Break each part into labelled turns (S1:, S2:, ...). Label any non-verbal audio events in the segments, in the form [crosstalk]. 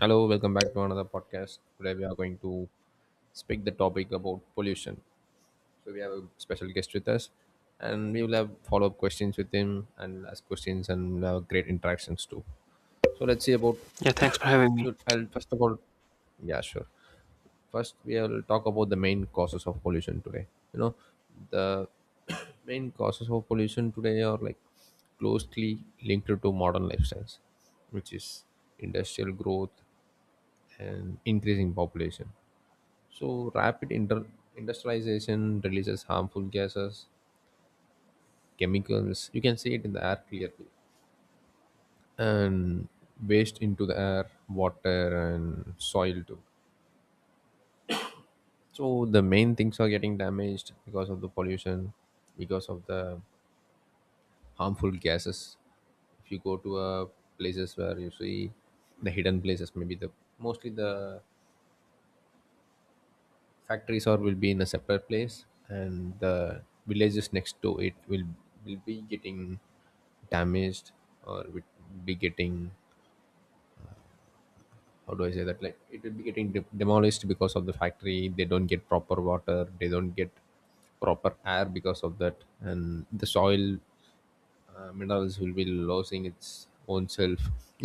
S1: Hello, welcome back to another podcast. Today we are going to speak the topic about pollution. So we have a special guest with us, and we will have follow up questions with him and ask questions and we'll have great interactions too. So let's see about.
S2: Yeah, thanks for having
S1: [coughs]
S2: me.
S1: Look, I'll first of all, yeah, sure. First, we will talk about the main causes of pollution today. You know, the [coughs] main causes of pollution today are like closely linked to modern lifestyles, which is industrial growth and increasing population. So industrialization releases harmful gases, chemicals. You can see it in the air clearly, and waste into the air, water, and soil too. So the main things are getting damaged because of the pollution, because of the harmful gases. If you go to places where you see the hidden places, maybe the mostly the factories or will be in a separate place and the villages next to it will be getting damaged or will be getting, how do I say that, like it will be getting demolished because of the factory. They don't get proper water, they don't get proper air because of that, and the soil minerals will be losing its own self.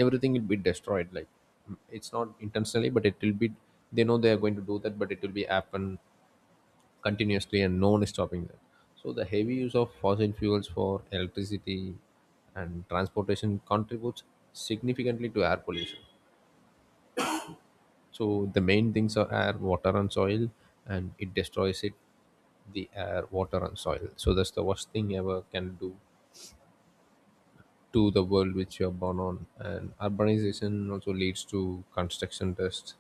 S1: Everything will be destroyed, like it's not intentionally, but it will be, they know they are going to do that, but it will be happen continuously and no one is stopping them. So the heavy use of fossil fuels for electricity and transportation contributes significantly to air pollution. So the main things are air, water, and soil, and it destroys it, the air, water, and soil. So that's the worst thing ever can do to the world which you are born on. And urbanization also leads to construction dust,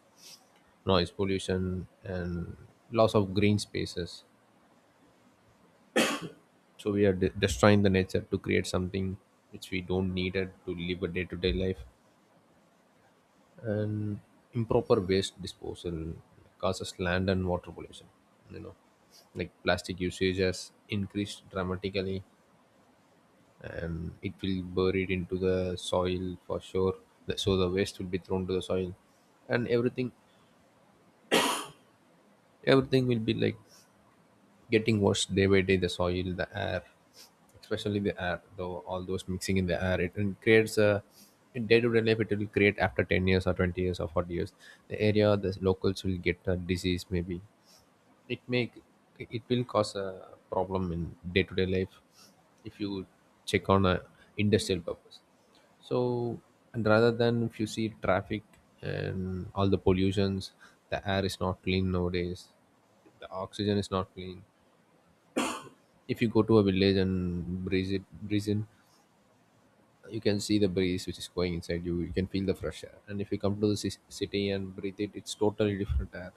S1: noise pollution, and loss of green spaces. So we are destroying the nature to create something which we don't need it to live a day-to-day life, and improper waste disposal causes land and water pollution, you know, like plastic usage has increased dramatically and it will buried into the soil for sure. So the waste will be thrown to the soil, and everything will be like getting worse day by day, the soil, the air, especially the air though, all those mixing in the air, it creates a, in day-to-day life it will create after 10 years or 20 years or 40 years, the area, the locals will get a disease. Maybe it may, it will cause a problem in day-to-day life if you check on a industrial purpose. So, and rather than if you see traffic and all the pollutions, the air is not clean nowadays, the oxygen is not clean. If you go to a village and breeze it, breeze in, you can see the breeze which is going inside you, you can feel the fresh air, and if you come to the city and breathe it, it's totally different air.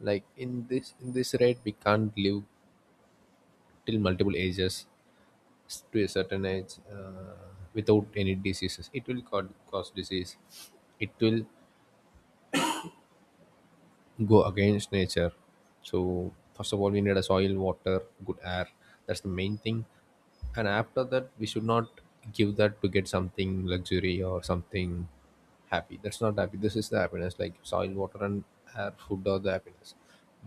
S1: Like in this rate we can't live till multiple ages, to a certain age without any diseases. It will cause disease, it will go against nature. So first of all we need a soil, water, good air, that's the main thing. And after that we should not give that to get something luxury or something happy. That's not happy, this is the happiness, like soil, water, and air, food are the happiness.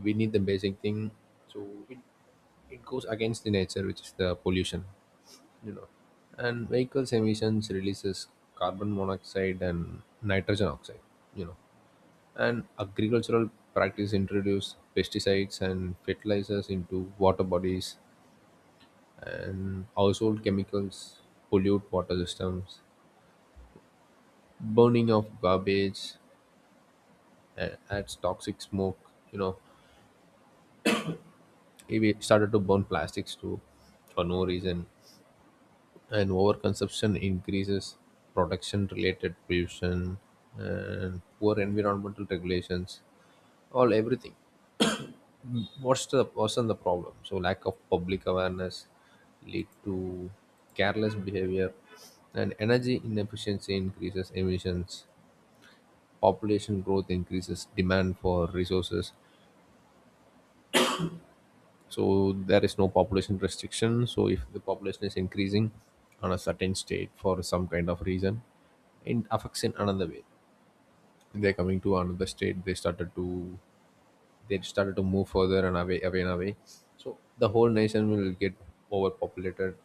S1: We need the basic thing. So it goes against the nature which is the pollution, you know. And vehicles emissions releases carbon monoxide and nitrogen oxide, you know, and agricultural practice introduce pesticides and fertilizers into water bodies, and household chemicals pollute water systems. Burning of garbage adds toxic smoke, you know, we started to burn plastics too for no reason. And overconsumption increases production related pollution, and poor environmental regulations, all everything, what's the problem. So lack of public awareness lead to careless behavior, and energy inefficiency increases emissions, population growth increases demand for resources. So there is no population restriction, so if the population is increasing on a certain state for some kind of reason, it affects in another way. They're coming to another state, they started to move further and away and away. So the whole nation will get overpopulated,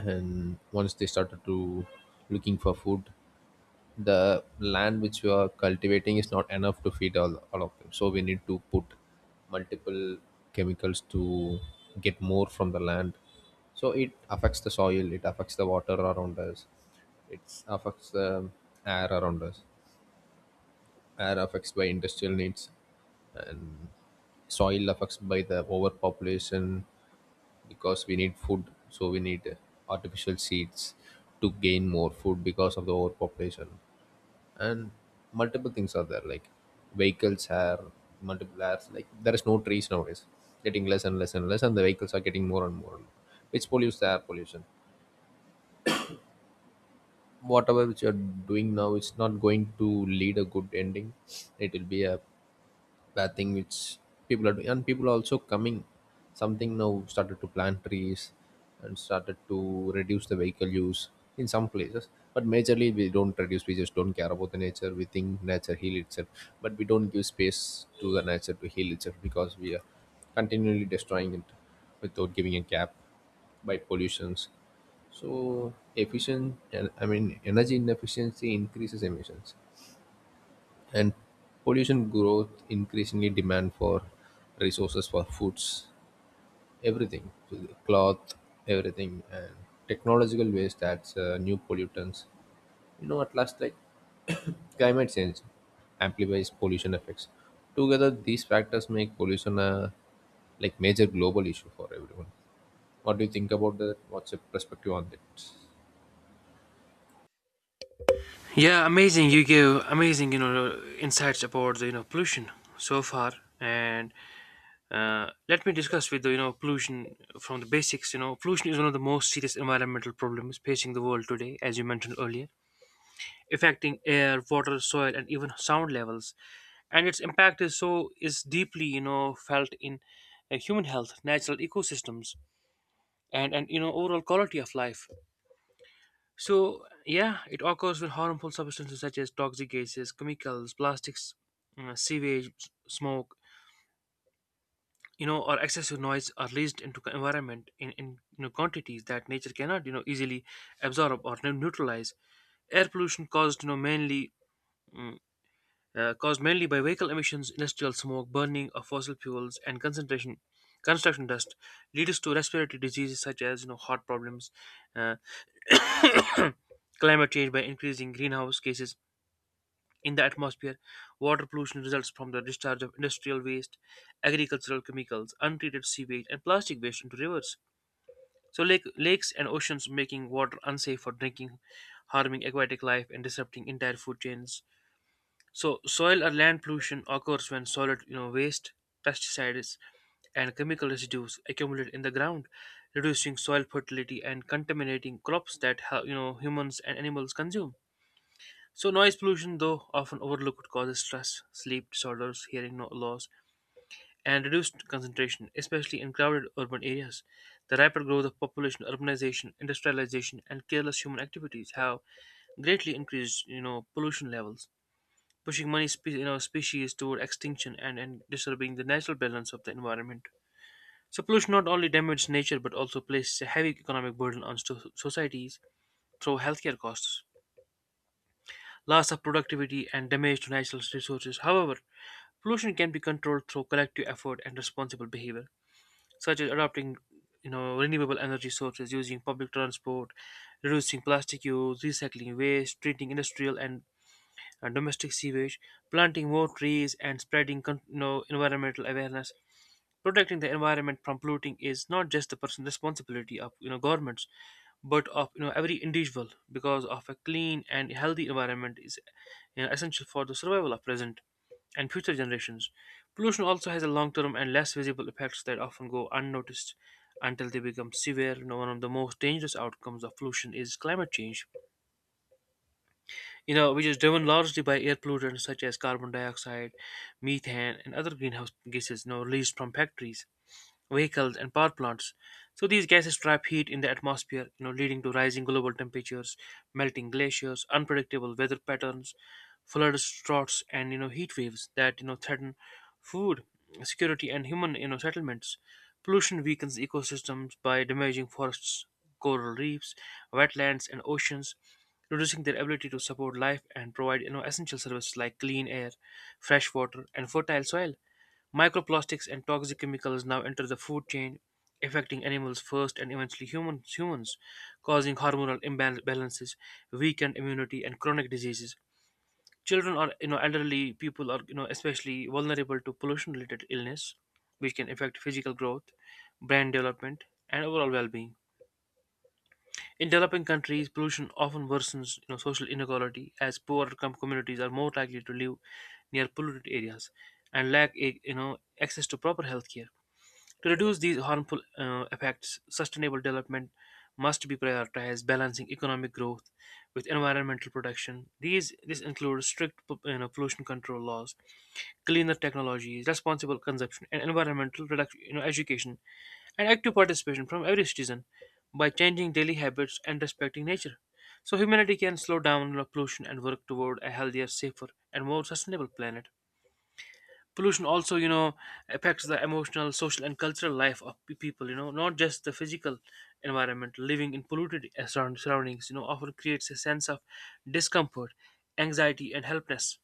S1: and once they started to looking for food, the land which you are cultivating is not enough to feed all of them, so we need to put multiple chemicals to get more from the land. So it affects the soil, it affects the water around us, it affects the air around us. Air affects by industrial needs, and soil affects by the overpopulation, because we need food, so we need artificial seeds to gain more food because of the overpopulation. And multiple things are there, like vehicles are multiple apps, like there is no trees nowadays, getting less and less and less, and the vehicles are getting more and more, which pollutes the air pollution. Whatever which you're doing now, it's not going to lead a good ending. It will be a planting which people are doing, and people are also coming. Something now started to plant trees and started to reduce the vehicle use in some places. But majorly, we don't reduce. We just don't care about the nature. We think nature heal itself, but we don't give space to the nature to heal itself because we are continually destroying it without giving a gap by pollutions. So efficient, and I mean, energy inefficiency increases emissions, and pollution growth increasingly demand for resources for foods, everything, so the cloth, everything, and technological waste, that's new pollutants, you know. At last, like, [coughs] climate change amplifies pollution effects. Together these factors make pollution a, like, major global issue for everyone. What do you think about that? What's your perspective on that?
S2: Yeah, amazing. You give amazing, insights about the pollution so far, and let me discuss with the pollution from the basics. You know, pollution is one of the most serious environmental problems facing the world today, as you mentioned earlier, affecting air, water, soil, and even sound levels. And its impact is deeply felt in human health, natural ecosystems, and overall quality of life. So, yeah, it occurs with harmful substances such as toxic gases, chemicals, plastics, sewage, smoke, you know, or excessive noise are released into the environment in quantities that nature cannot, easily absorb or neutralize. Air pollution caused, mainly mm, caused mainly by vehicle emissions, industrial smoke, burning of fossil fuels, and concentration construction dust leads to respiratory diseases such as heart problems, uh, [coughs] climate change by increasing greenhouse gases in the atmosphere. Water pollution results from the discharge of industrial waste, agricultural chemicals, untreated sewage, and plastic waste into rivers. So, lakes and oceans, making water unsafe for drinking, harming aquatic life, and disrupting entire food chains. So, soil or land pollution occurs when solid waste, pesticides, and chemical residues accumulate in the ground, reducing soil fertility and contaminating crops that you know humans and animals consume. So, noise pollution, though often overlooked, could causes stress, sleep disorders, hearing loss, and reduced concentration, especially in crowded urban areas. The rapid growth of population, urbanization, industrialization, and careless human activities have greatly increased, pollution levels, pushing many you know, species toward extinction and, disturbing the natural balance of the environment. So, pollution not only damages nature but also places a heavy economic burden on societies through healthcare costs, loss of productivity, and damage to natural resources. However, pollution can be controlled through collective effort and responsible behavior, such as adopting renewable energy sources, using public transport, reducing plastic use, recycling waste, treating industrial and domestic sewage, planting more trees, and spreading you know, environmental awareness. Protecting the environment from polluting is not just the personal responsibility of governments, but of every individual. Because of a clean and healthy environment is essential for the survival of present and future generations. Pollution also has a long term and less visible effects that often go unnoticed until they become severe. You know, one of the most dangerous outcomes of pollution is climate change, which is driven largely by air pollutants such as carbon dioxide, methane, and other greenhouse gases released from factories, vehicles, and power plants. So these gases trap heat in the atmosphere, leading to rising global temperatures, melting glaciers, unpredictable weather patterns, floods, droughts, and heat waves that threaten food security and human settlements. Pollution weakens ecosystems by damaging forests, coral reefs, wetlands, and oceans, reducing their ability to support life and provide essential services like clean air, fresh water, and fertile soil. Microplastics and toxic chemicals now enter the food chain, affecting animals first and eventually humans, causing hormonal imbalances, weakened immunity, and chronic diseases. Children or elderly people are especially vulnerable to pollution-related illness, which can affect physical growth, brain development, and overall well-being. In developing countries, pollution often worsens social inequality, as poorer communities are more likely to live near polluted areas and lack a, access to proper health care. To reduce these harmful effects, sustainable development must be prioritized, balancing economic growth with environmental protection. These this includes strict pollution control laws, cleaner technologies, responsible consumption, and environmental reduction, education and active participation from every citizen by changing daily habits and respecting nature. So humanity can slow down pollution and work toward a healthier, safer, and more sustainable planet. Pollution also affects the emotional, social, and cultural life of people, not just the physical environment. Living in polluted surroundings often creates a sense of discomfort, anxiety, and helplessness,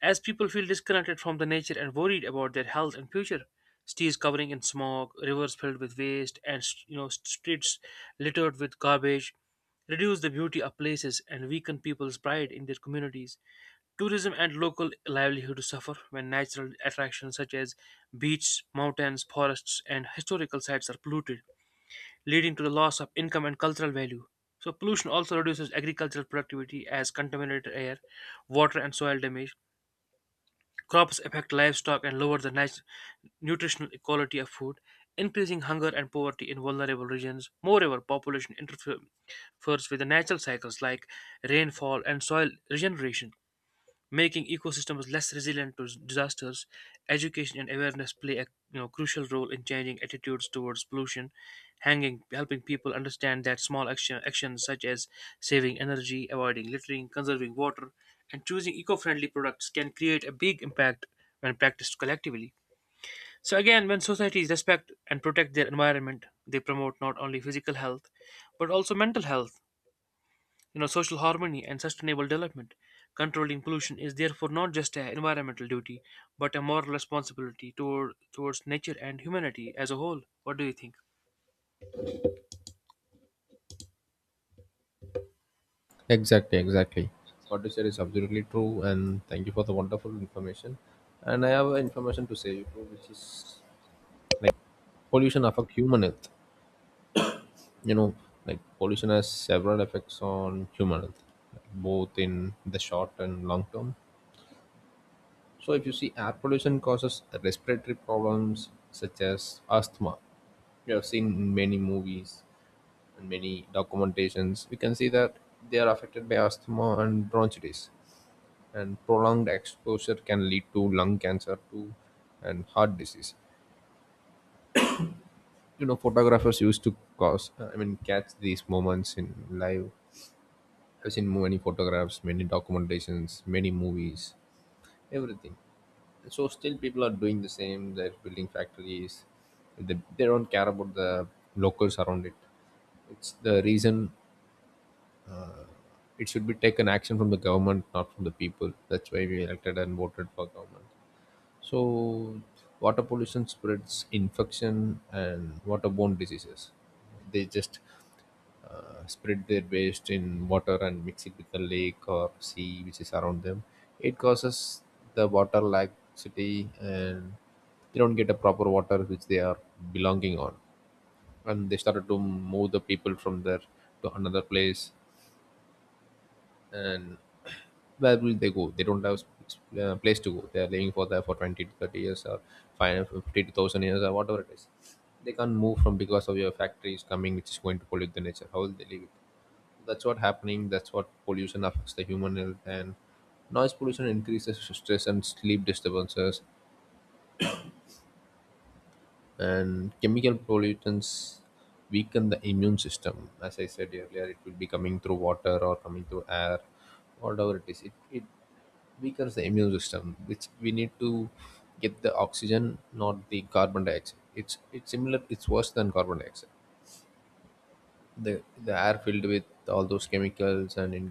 S2: as people feel disconnected from the nature and worried about their health and future. Cities covering in smog, rivers filled with waste, and streets littered with garbage reduce the beauty of places and weaken people's pride in their communities. Tourism and local livelihood suffer when natural attractions such as beaches, mountains, forests, and historical sites are polluted, leading to the loss of income and cultural value. So, pollution also reduces agricultural productivity as contaminated air, water, and soil damage. Crops affect livestock and lower the nutritional quality of food, increasing hunger and poverty in vulnerable regions. Moreover, population interferes with the natural cycles like rainfall and soil regeneration, making ecosystems less resilient to disasters. Education and awareness play a crucial role in changing attitudes towards pollution, helping people understand that actions such as saving energy, avoiding littering, conserving water, and choosing eco-friendly products can create a big impact when practiced collectively. So again, when societies respect and protect their environment, they promote not only physical health but also mental health, social harmony, and sustainable development. Controlling pollution is therefore not just an environmental duty but a moral responsibility towards nature and humanity as a whole. What do you think?
S1: Exactly, exactly. What you said is absolutely true, and thank you for the wonderful information. And I have a information to say you too, which is like pollution affect human health. You know, like pollution has several effects on human health, like both in the short and long term. So if you see, air pollution causes respiratory problems such as asthma. We have seen in many movies and many documentations. We can see that they are affected by asthma and bronchitis, and prolonged exposure can lead to lung cancer too, and heart disease, you know. Photographers used to cause I mean catch these moments in live. I've seen many photographs, many documentations, many movies, everything. So still people are doing the same, they're building factories, they don't care about the locals around it. It's the reason it should be taken action from the government, not from the people. That's why we elected and voted for government. So, water pollution spreads infection and waterborne diseases. They just spread their waste in water and mix it with the lake or sea which is around them. It causes the water laxity and they don't get a proper water which they are belonging on. And they started to move the people from there to another place, and where will they go? They don't have place to go. They are living for there for 20 to 30 years or 5 50 to 1000 years or whatever it is. They can't move from because of your factories coming, which is going to pollute the nature. How will they live it? That's what happening. That's what pollution affects the human health. And noise pollution increases stress and sleep disturbances, and chemical pollutants weaken the immune system. As I said earlier, it will be coming through water or coming through air, whatever it is. It weakens the immune system, which we need to get the oxygen, not the carbon dioxide. It's similar, it's worse than carbon dioxide. The the air filled with all those chemicals and in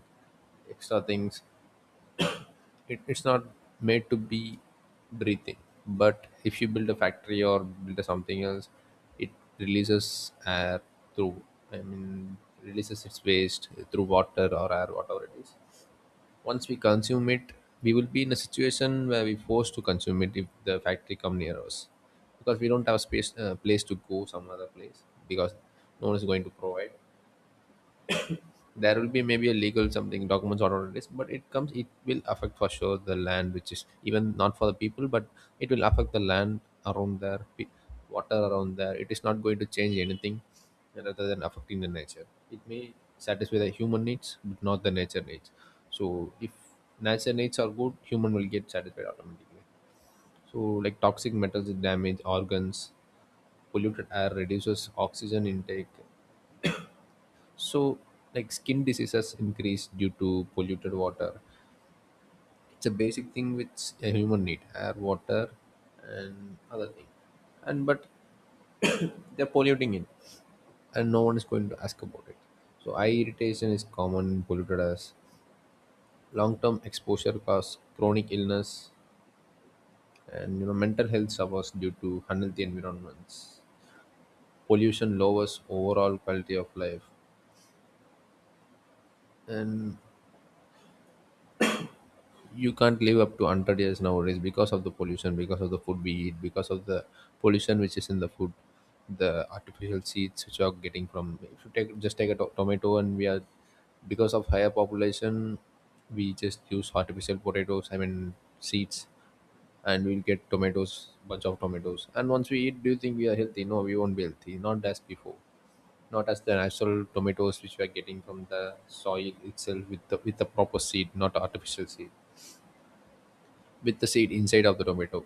S1: extra things, it's not made to be breathing. But if you build a factory or build a something else, it releases air through i mean releases its waste through water or air, whatever it is. Once we consume it, we will be in a situation where we're forced to consume it if the factory come near us, because we don't have space, place to go some other place, because no one is going to provide. There will be maybe a legal something documents or what it is, but it comes, it will affect for sure the land, which is even not for the people, but it will affect the land around there. Water around there, it is not going to change anything rather than affecting the nature. It may satisfy the human needs, but not the nature needs. So if nature needs are good, human will get satisfied automatically. So like toxic metals damage organs, polluted air reduces oxygen intake, so, like skin diseases increase due to polluted water. It's a basic thing which a human need: air, water, and other thing. And but [coughs] they're polluting it, and no one is going to ask about it. So, eye irritation is common in polluted, as long-term exposure cause chronic illness, and mental health suffers due to unhealthy environments. Pollution lowers overall quality of life, and you can't live up to 100 years nowadays because of the pollution, because of the food we eat, because of the pollution which is in the food, the artificial seeds which are getting from. If you take just take a tomato, and we are, because of higher population, we just use artificial potatoes, seeds, and we'll get tomatoes, bunch of tomatoes. And once we eat, do you think we are healthy? No, we won't be healthy, not as before, not as the natural tomatoes which we are getting from the soil itself, with the proper seed, not artificial seed, with the seed inside of the tomato.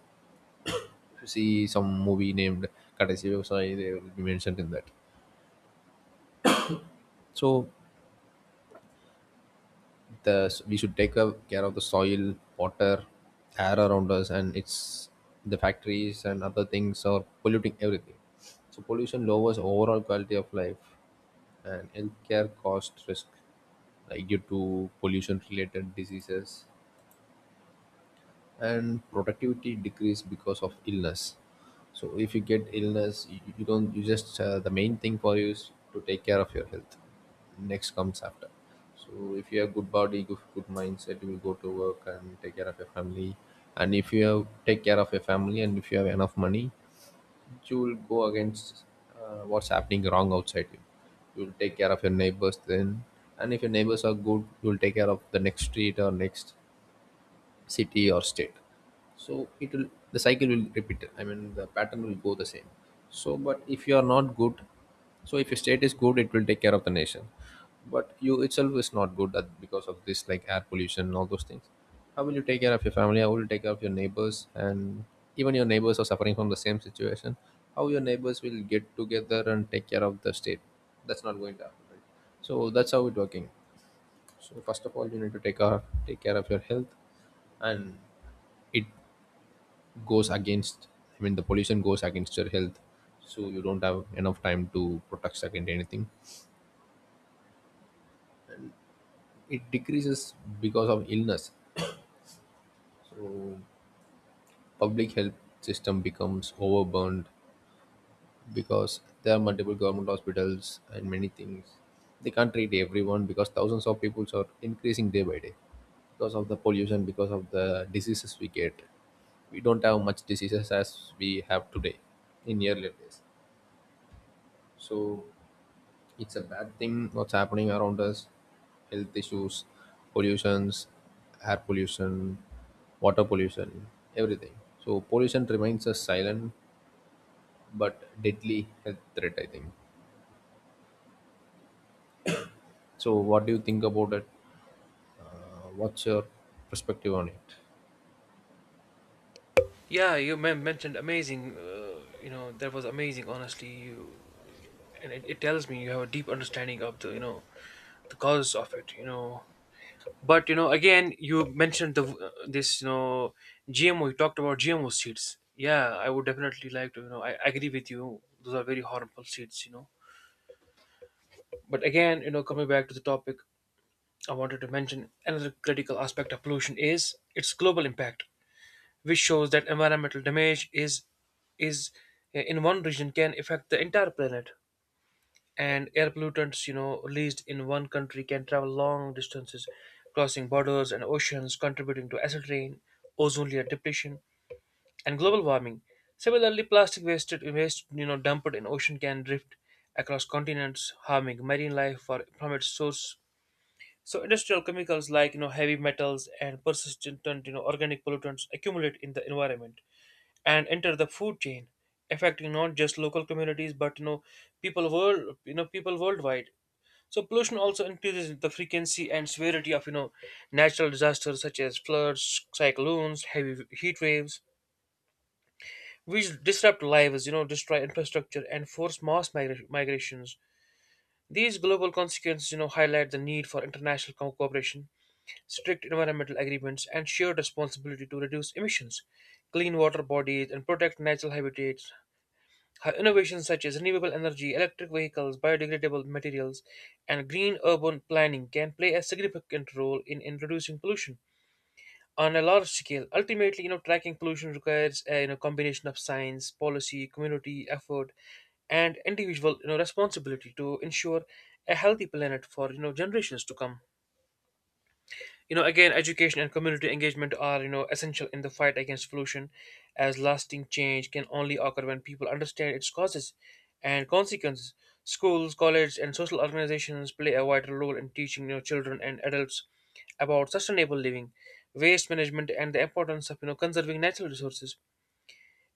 S1: If you see some movie named Katasi Vyavasai, they will be mentioned in that. So the we should care of the soil, water, air around us, and it's the factories and other things are polluting everything. So pollution lowers overall quality of life and healthcare cost risk, like due to pollution related diseases, and productivity decrease because of illness. So if you get illness, you don't, you just the main thing for you is to take care of your health, next comes after. So if you have good body, good mindset, you will go to work and take care of your family. And if you have take care of your family, and if you have enough money, you will go against what's happening wrong outside you. You will take care of your neighbors then, and if your neighbors are good, you will take care of the next street or next city or state. So it will, the cycle will repeat, the pattern will go the same. So but if you are not good, so if your state is good, it will take care of the nation, but you itself is not good at, because of this like air pollution and all those things, how will you take care of your family? How will you take care of your neighbors? And even your neighbors are suffering from the same situation. How your neighbors will get together and take care of the state? That's not going to happen, right? So that's how it's working. So first of all, you need to take care of your health. And it goes against, the pollution goes against your health. So you don't have enough time to protect against anything. It decreases because of illness. So public health system becomes overburdened, because there are multiple government hospitals and many things. They can't treat everyone because thousands of people are increasing day by day, because of the pollution, because of the diseases we get. We don't have much diseases as we have today, in earlier days. So it's a bad thing what's happening around us. Health issues, pollutions, air pollution, water pollution, everything. So pollution remains a silent but deadly health threat, I think. So what do you think about it? What's your perspective on it?
S2: Yeah, you mentioned amazing, you know, that was amazing honestly, you, and it tells me you have a deep understanding of the the causes of it, you know. But you know, again, you mentioned the this you know GMO, you talked about GMO seeds. Yeah, I would definitely like to I agree with you, those are very harmful seeds, you know. But again, you know, coming back to the topic, I wanted to mention another critical aspect of pollution is its global impact, which shows that environmental damage is in one region can affect the entire planet. And air pollutants, you know, released in one country can travel long distances, crossing borders and oceans, contributing to acid rain, ozone layer depletion, and global warming. Similarly, plastic wasted waste, you know, dumped in ocean can drift across continents, harming marine life from its source. So industrial chemicals like heavy metals and persistent organic pollutants accumulate in the environment and enter the food chain, affecting not just local communities but you know people worldwide. So pollution also increases the frequency and severity of natural disasters such as floods, cyclones, heavy heat waves, which disrupt lives, you know, destroy infrastructure, and force mass migrations. These global consequences, you know, highlight the need for international cooperation, strict environmental agreements, and shared responsibility to reduce emissions, clean water bodies, and protect natural habitats. Her innovations such as renewable energy, electric vehicles, biodegradable materials, and green urban planning can play a significant role in reducing pollution on a large scale. Ultimately, you know, tracking pollution requires a combination of science, policy, community effort, and individual, responsibility to ensure a healthy planet for generations to come. You know, again, education and community engagement are essential in the fight against pollution, as lasting change can only occur when people understand its causes and consequences. Schools, colleges, and social organizations play a vital role in teaching children and adults about sustainable living, waste management, and the importance of conserving natural resources.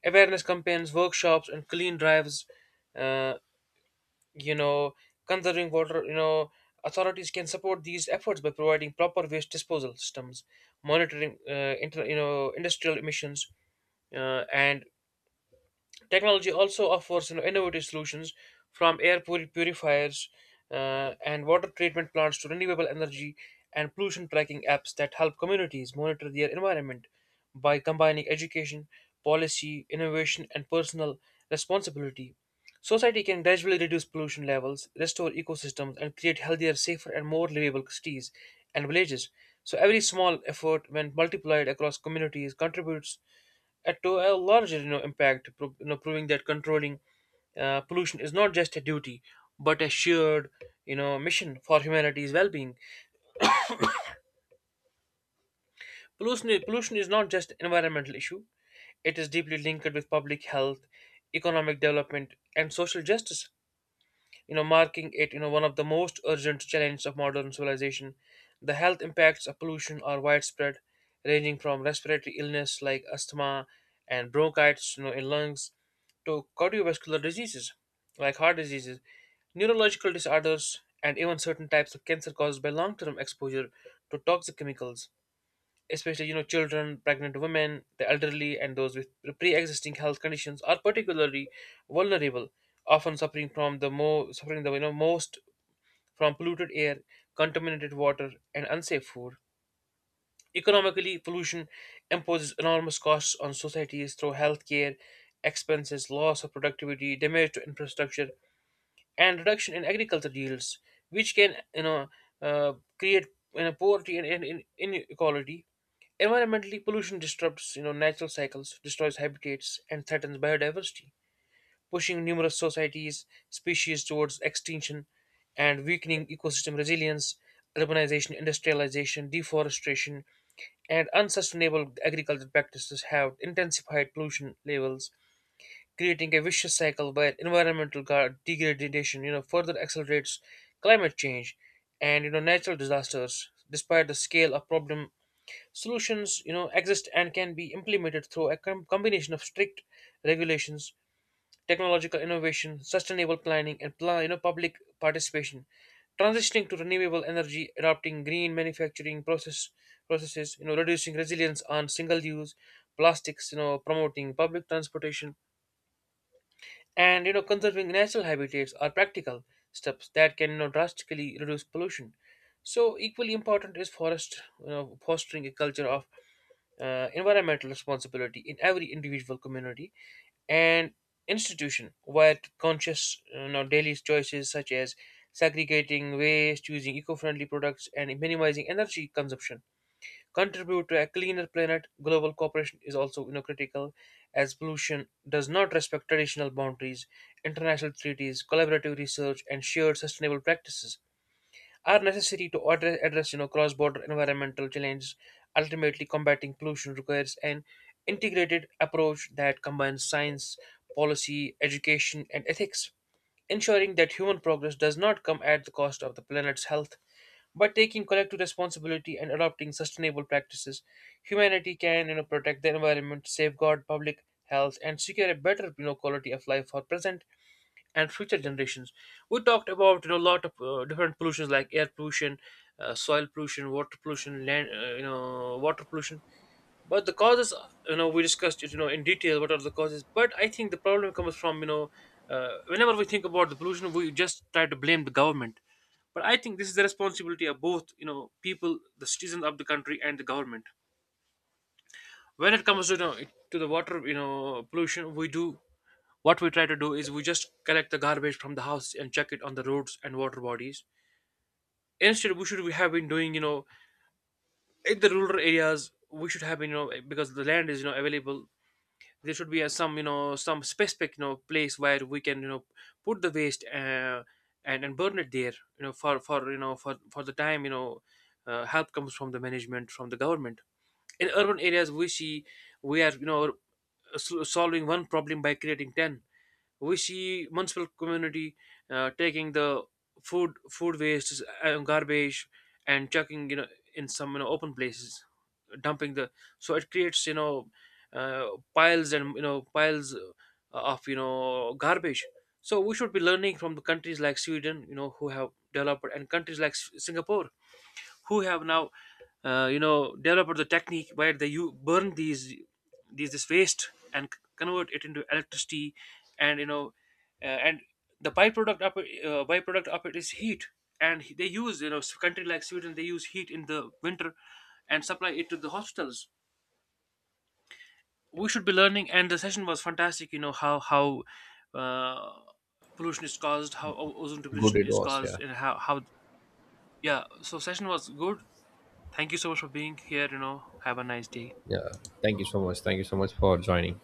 S2: Awareness campaigns, workshops, and clean drives, uh, you know, conserving water, you know, authorities can support these efforts by providing proper waste disposal systems, monitoring, you know, industrial emissions, and technology also offers innovative solutions, from air purifiers and water treatment plants to renewable energy and pollution tracking apps that help communities monitor their environment. By combining education, policy, innovation, and personal responsibility, society can gradually reduce pollution levels, restore ecosystems, and create healthier, safer, and more livable cities and villages. So, every small effort, when multiplied across communities, contributes to a larger impact, you know, proving that controlling pollution is not just a duty but a shared, mission for humanity's well-being. Pollution is not just an environmental issue, it is deeply linked with public health, economic development, and social justice, you know, marking it, one of the most urgent challenges of modern civilization. The health impacts of pollution are widespread, ranging from respiratory illness like asthma and bronchitis, in lungs, to cardiovascular diseases like heart diseases, neurological disorders, and even certain types of cancer caused by long-term exposure to toxic chemicals, especially children, pregnant women, the elderly, and those with pre-existing health conditions are particularly vulnerable, often suffering from the more suffering the you know, most from polluted air, contaminated water, and unsafe food. Economically, pollution imposes enormous costs on societies through healthcare expenses, loss of productivity, damage to infrastructure, and reduction in agricultural yields, which can, create, poverty and, and inequality. Environmentally, pollution disrupts natural cycles, destroys habitats, and threatens biodiversity, pushing numerous societies, species towards extinction, and weakening ecosystem resilience. Urbanization, industrialization, deforestation, and unsustainable agricultural practices have intensified pollution levels, creating a vicious cycle where degradation, further accelerates climate change and natural disasters. Despite the scale of problem, solutions, exist and can be implemented through a combination of strict regulations, technological innovation, sustainable planning, and public participation. Transitioning to renewable energy, adopting green manufacturing process processes, reducing resilience on single-use plastics, promoting public transportation, and conserving natural habitats are practical steps that can, drastically reduce pollution. So equally important is forest, fostering a culture of environmental responsibility in every individual, community, and institution, where conscious daily choices such as segregating waste, using eco-friendly products, and minimizing energy consumption contribute to a cleaner planet. Global cooperation is also, critical, as pollution does not respect traditional boundaries. International treaties, collaborative research, and shared sustainable practices are necessary to address cross-border environmental challenges. Ultimately, combating pollution requires an integrated approach that combines science, policy, education, and ethics, ensuring that human progress does not come at the cost of the planet's health. By taking collective responsibility and adopting sustainable practices, humanity can, protect the environment, safeguard public health, and secure a better, quality of life for present and future generations. We talked about a lot of different pollutions like air pollution, soil pollution, water pollution, land you know water pollution. But the causes, we discussed it, in detail, what are the causes. But I think the problem comes from, whenever we think about the pollution, we just try to blame the government. But I think this is the responsibility of both, people, the citizens of the country, and the government. When it comes to, to the water, pollution, we do what we try to do is we just collect the garbage from the house and chuck it on the roads and water bodies. Instead, we have been doing, in the rural areas, we should have been, because the land is, available. There should be some, some specific, place where we can, put the waste, and burn it there, for for the time, help comes from the management, from the government. In urban areas, we see we are, solving one problem by creating ten. We see municipal community, taking the food waste, garbage and chucking, in some, open places, dumping the, so it creates, uh, piles and, piles, of, garbage. So we should be learning from the countries like Sweden, who have developed, and countries like Singapore, who have now, developed the technique where they you burn these this waste and convert it into electricity, and, uh, and the byproduct of it is heat. And they use, country like Sweden, they use heat in the winter and supply it to the hospitals. We should be learning. And the session was fantastic, how uh, pollution is caused, how ozone
S1: Good,
S2: depletion
S1: it
S2: is
S1: was, yeah.
S2: caused, and how, yeah, so session was good. Thank you so much for being here. Have a nice day.
S1: Yeah, thank you so much, thank you so much for joining.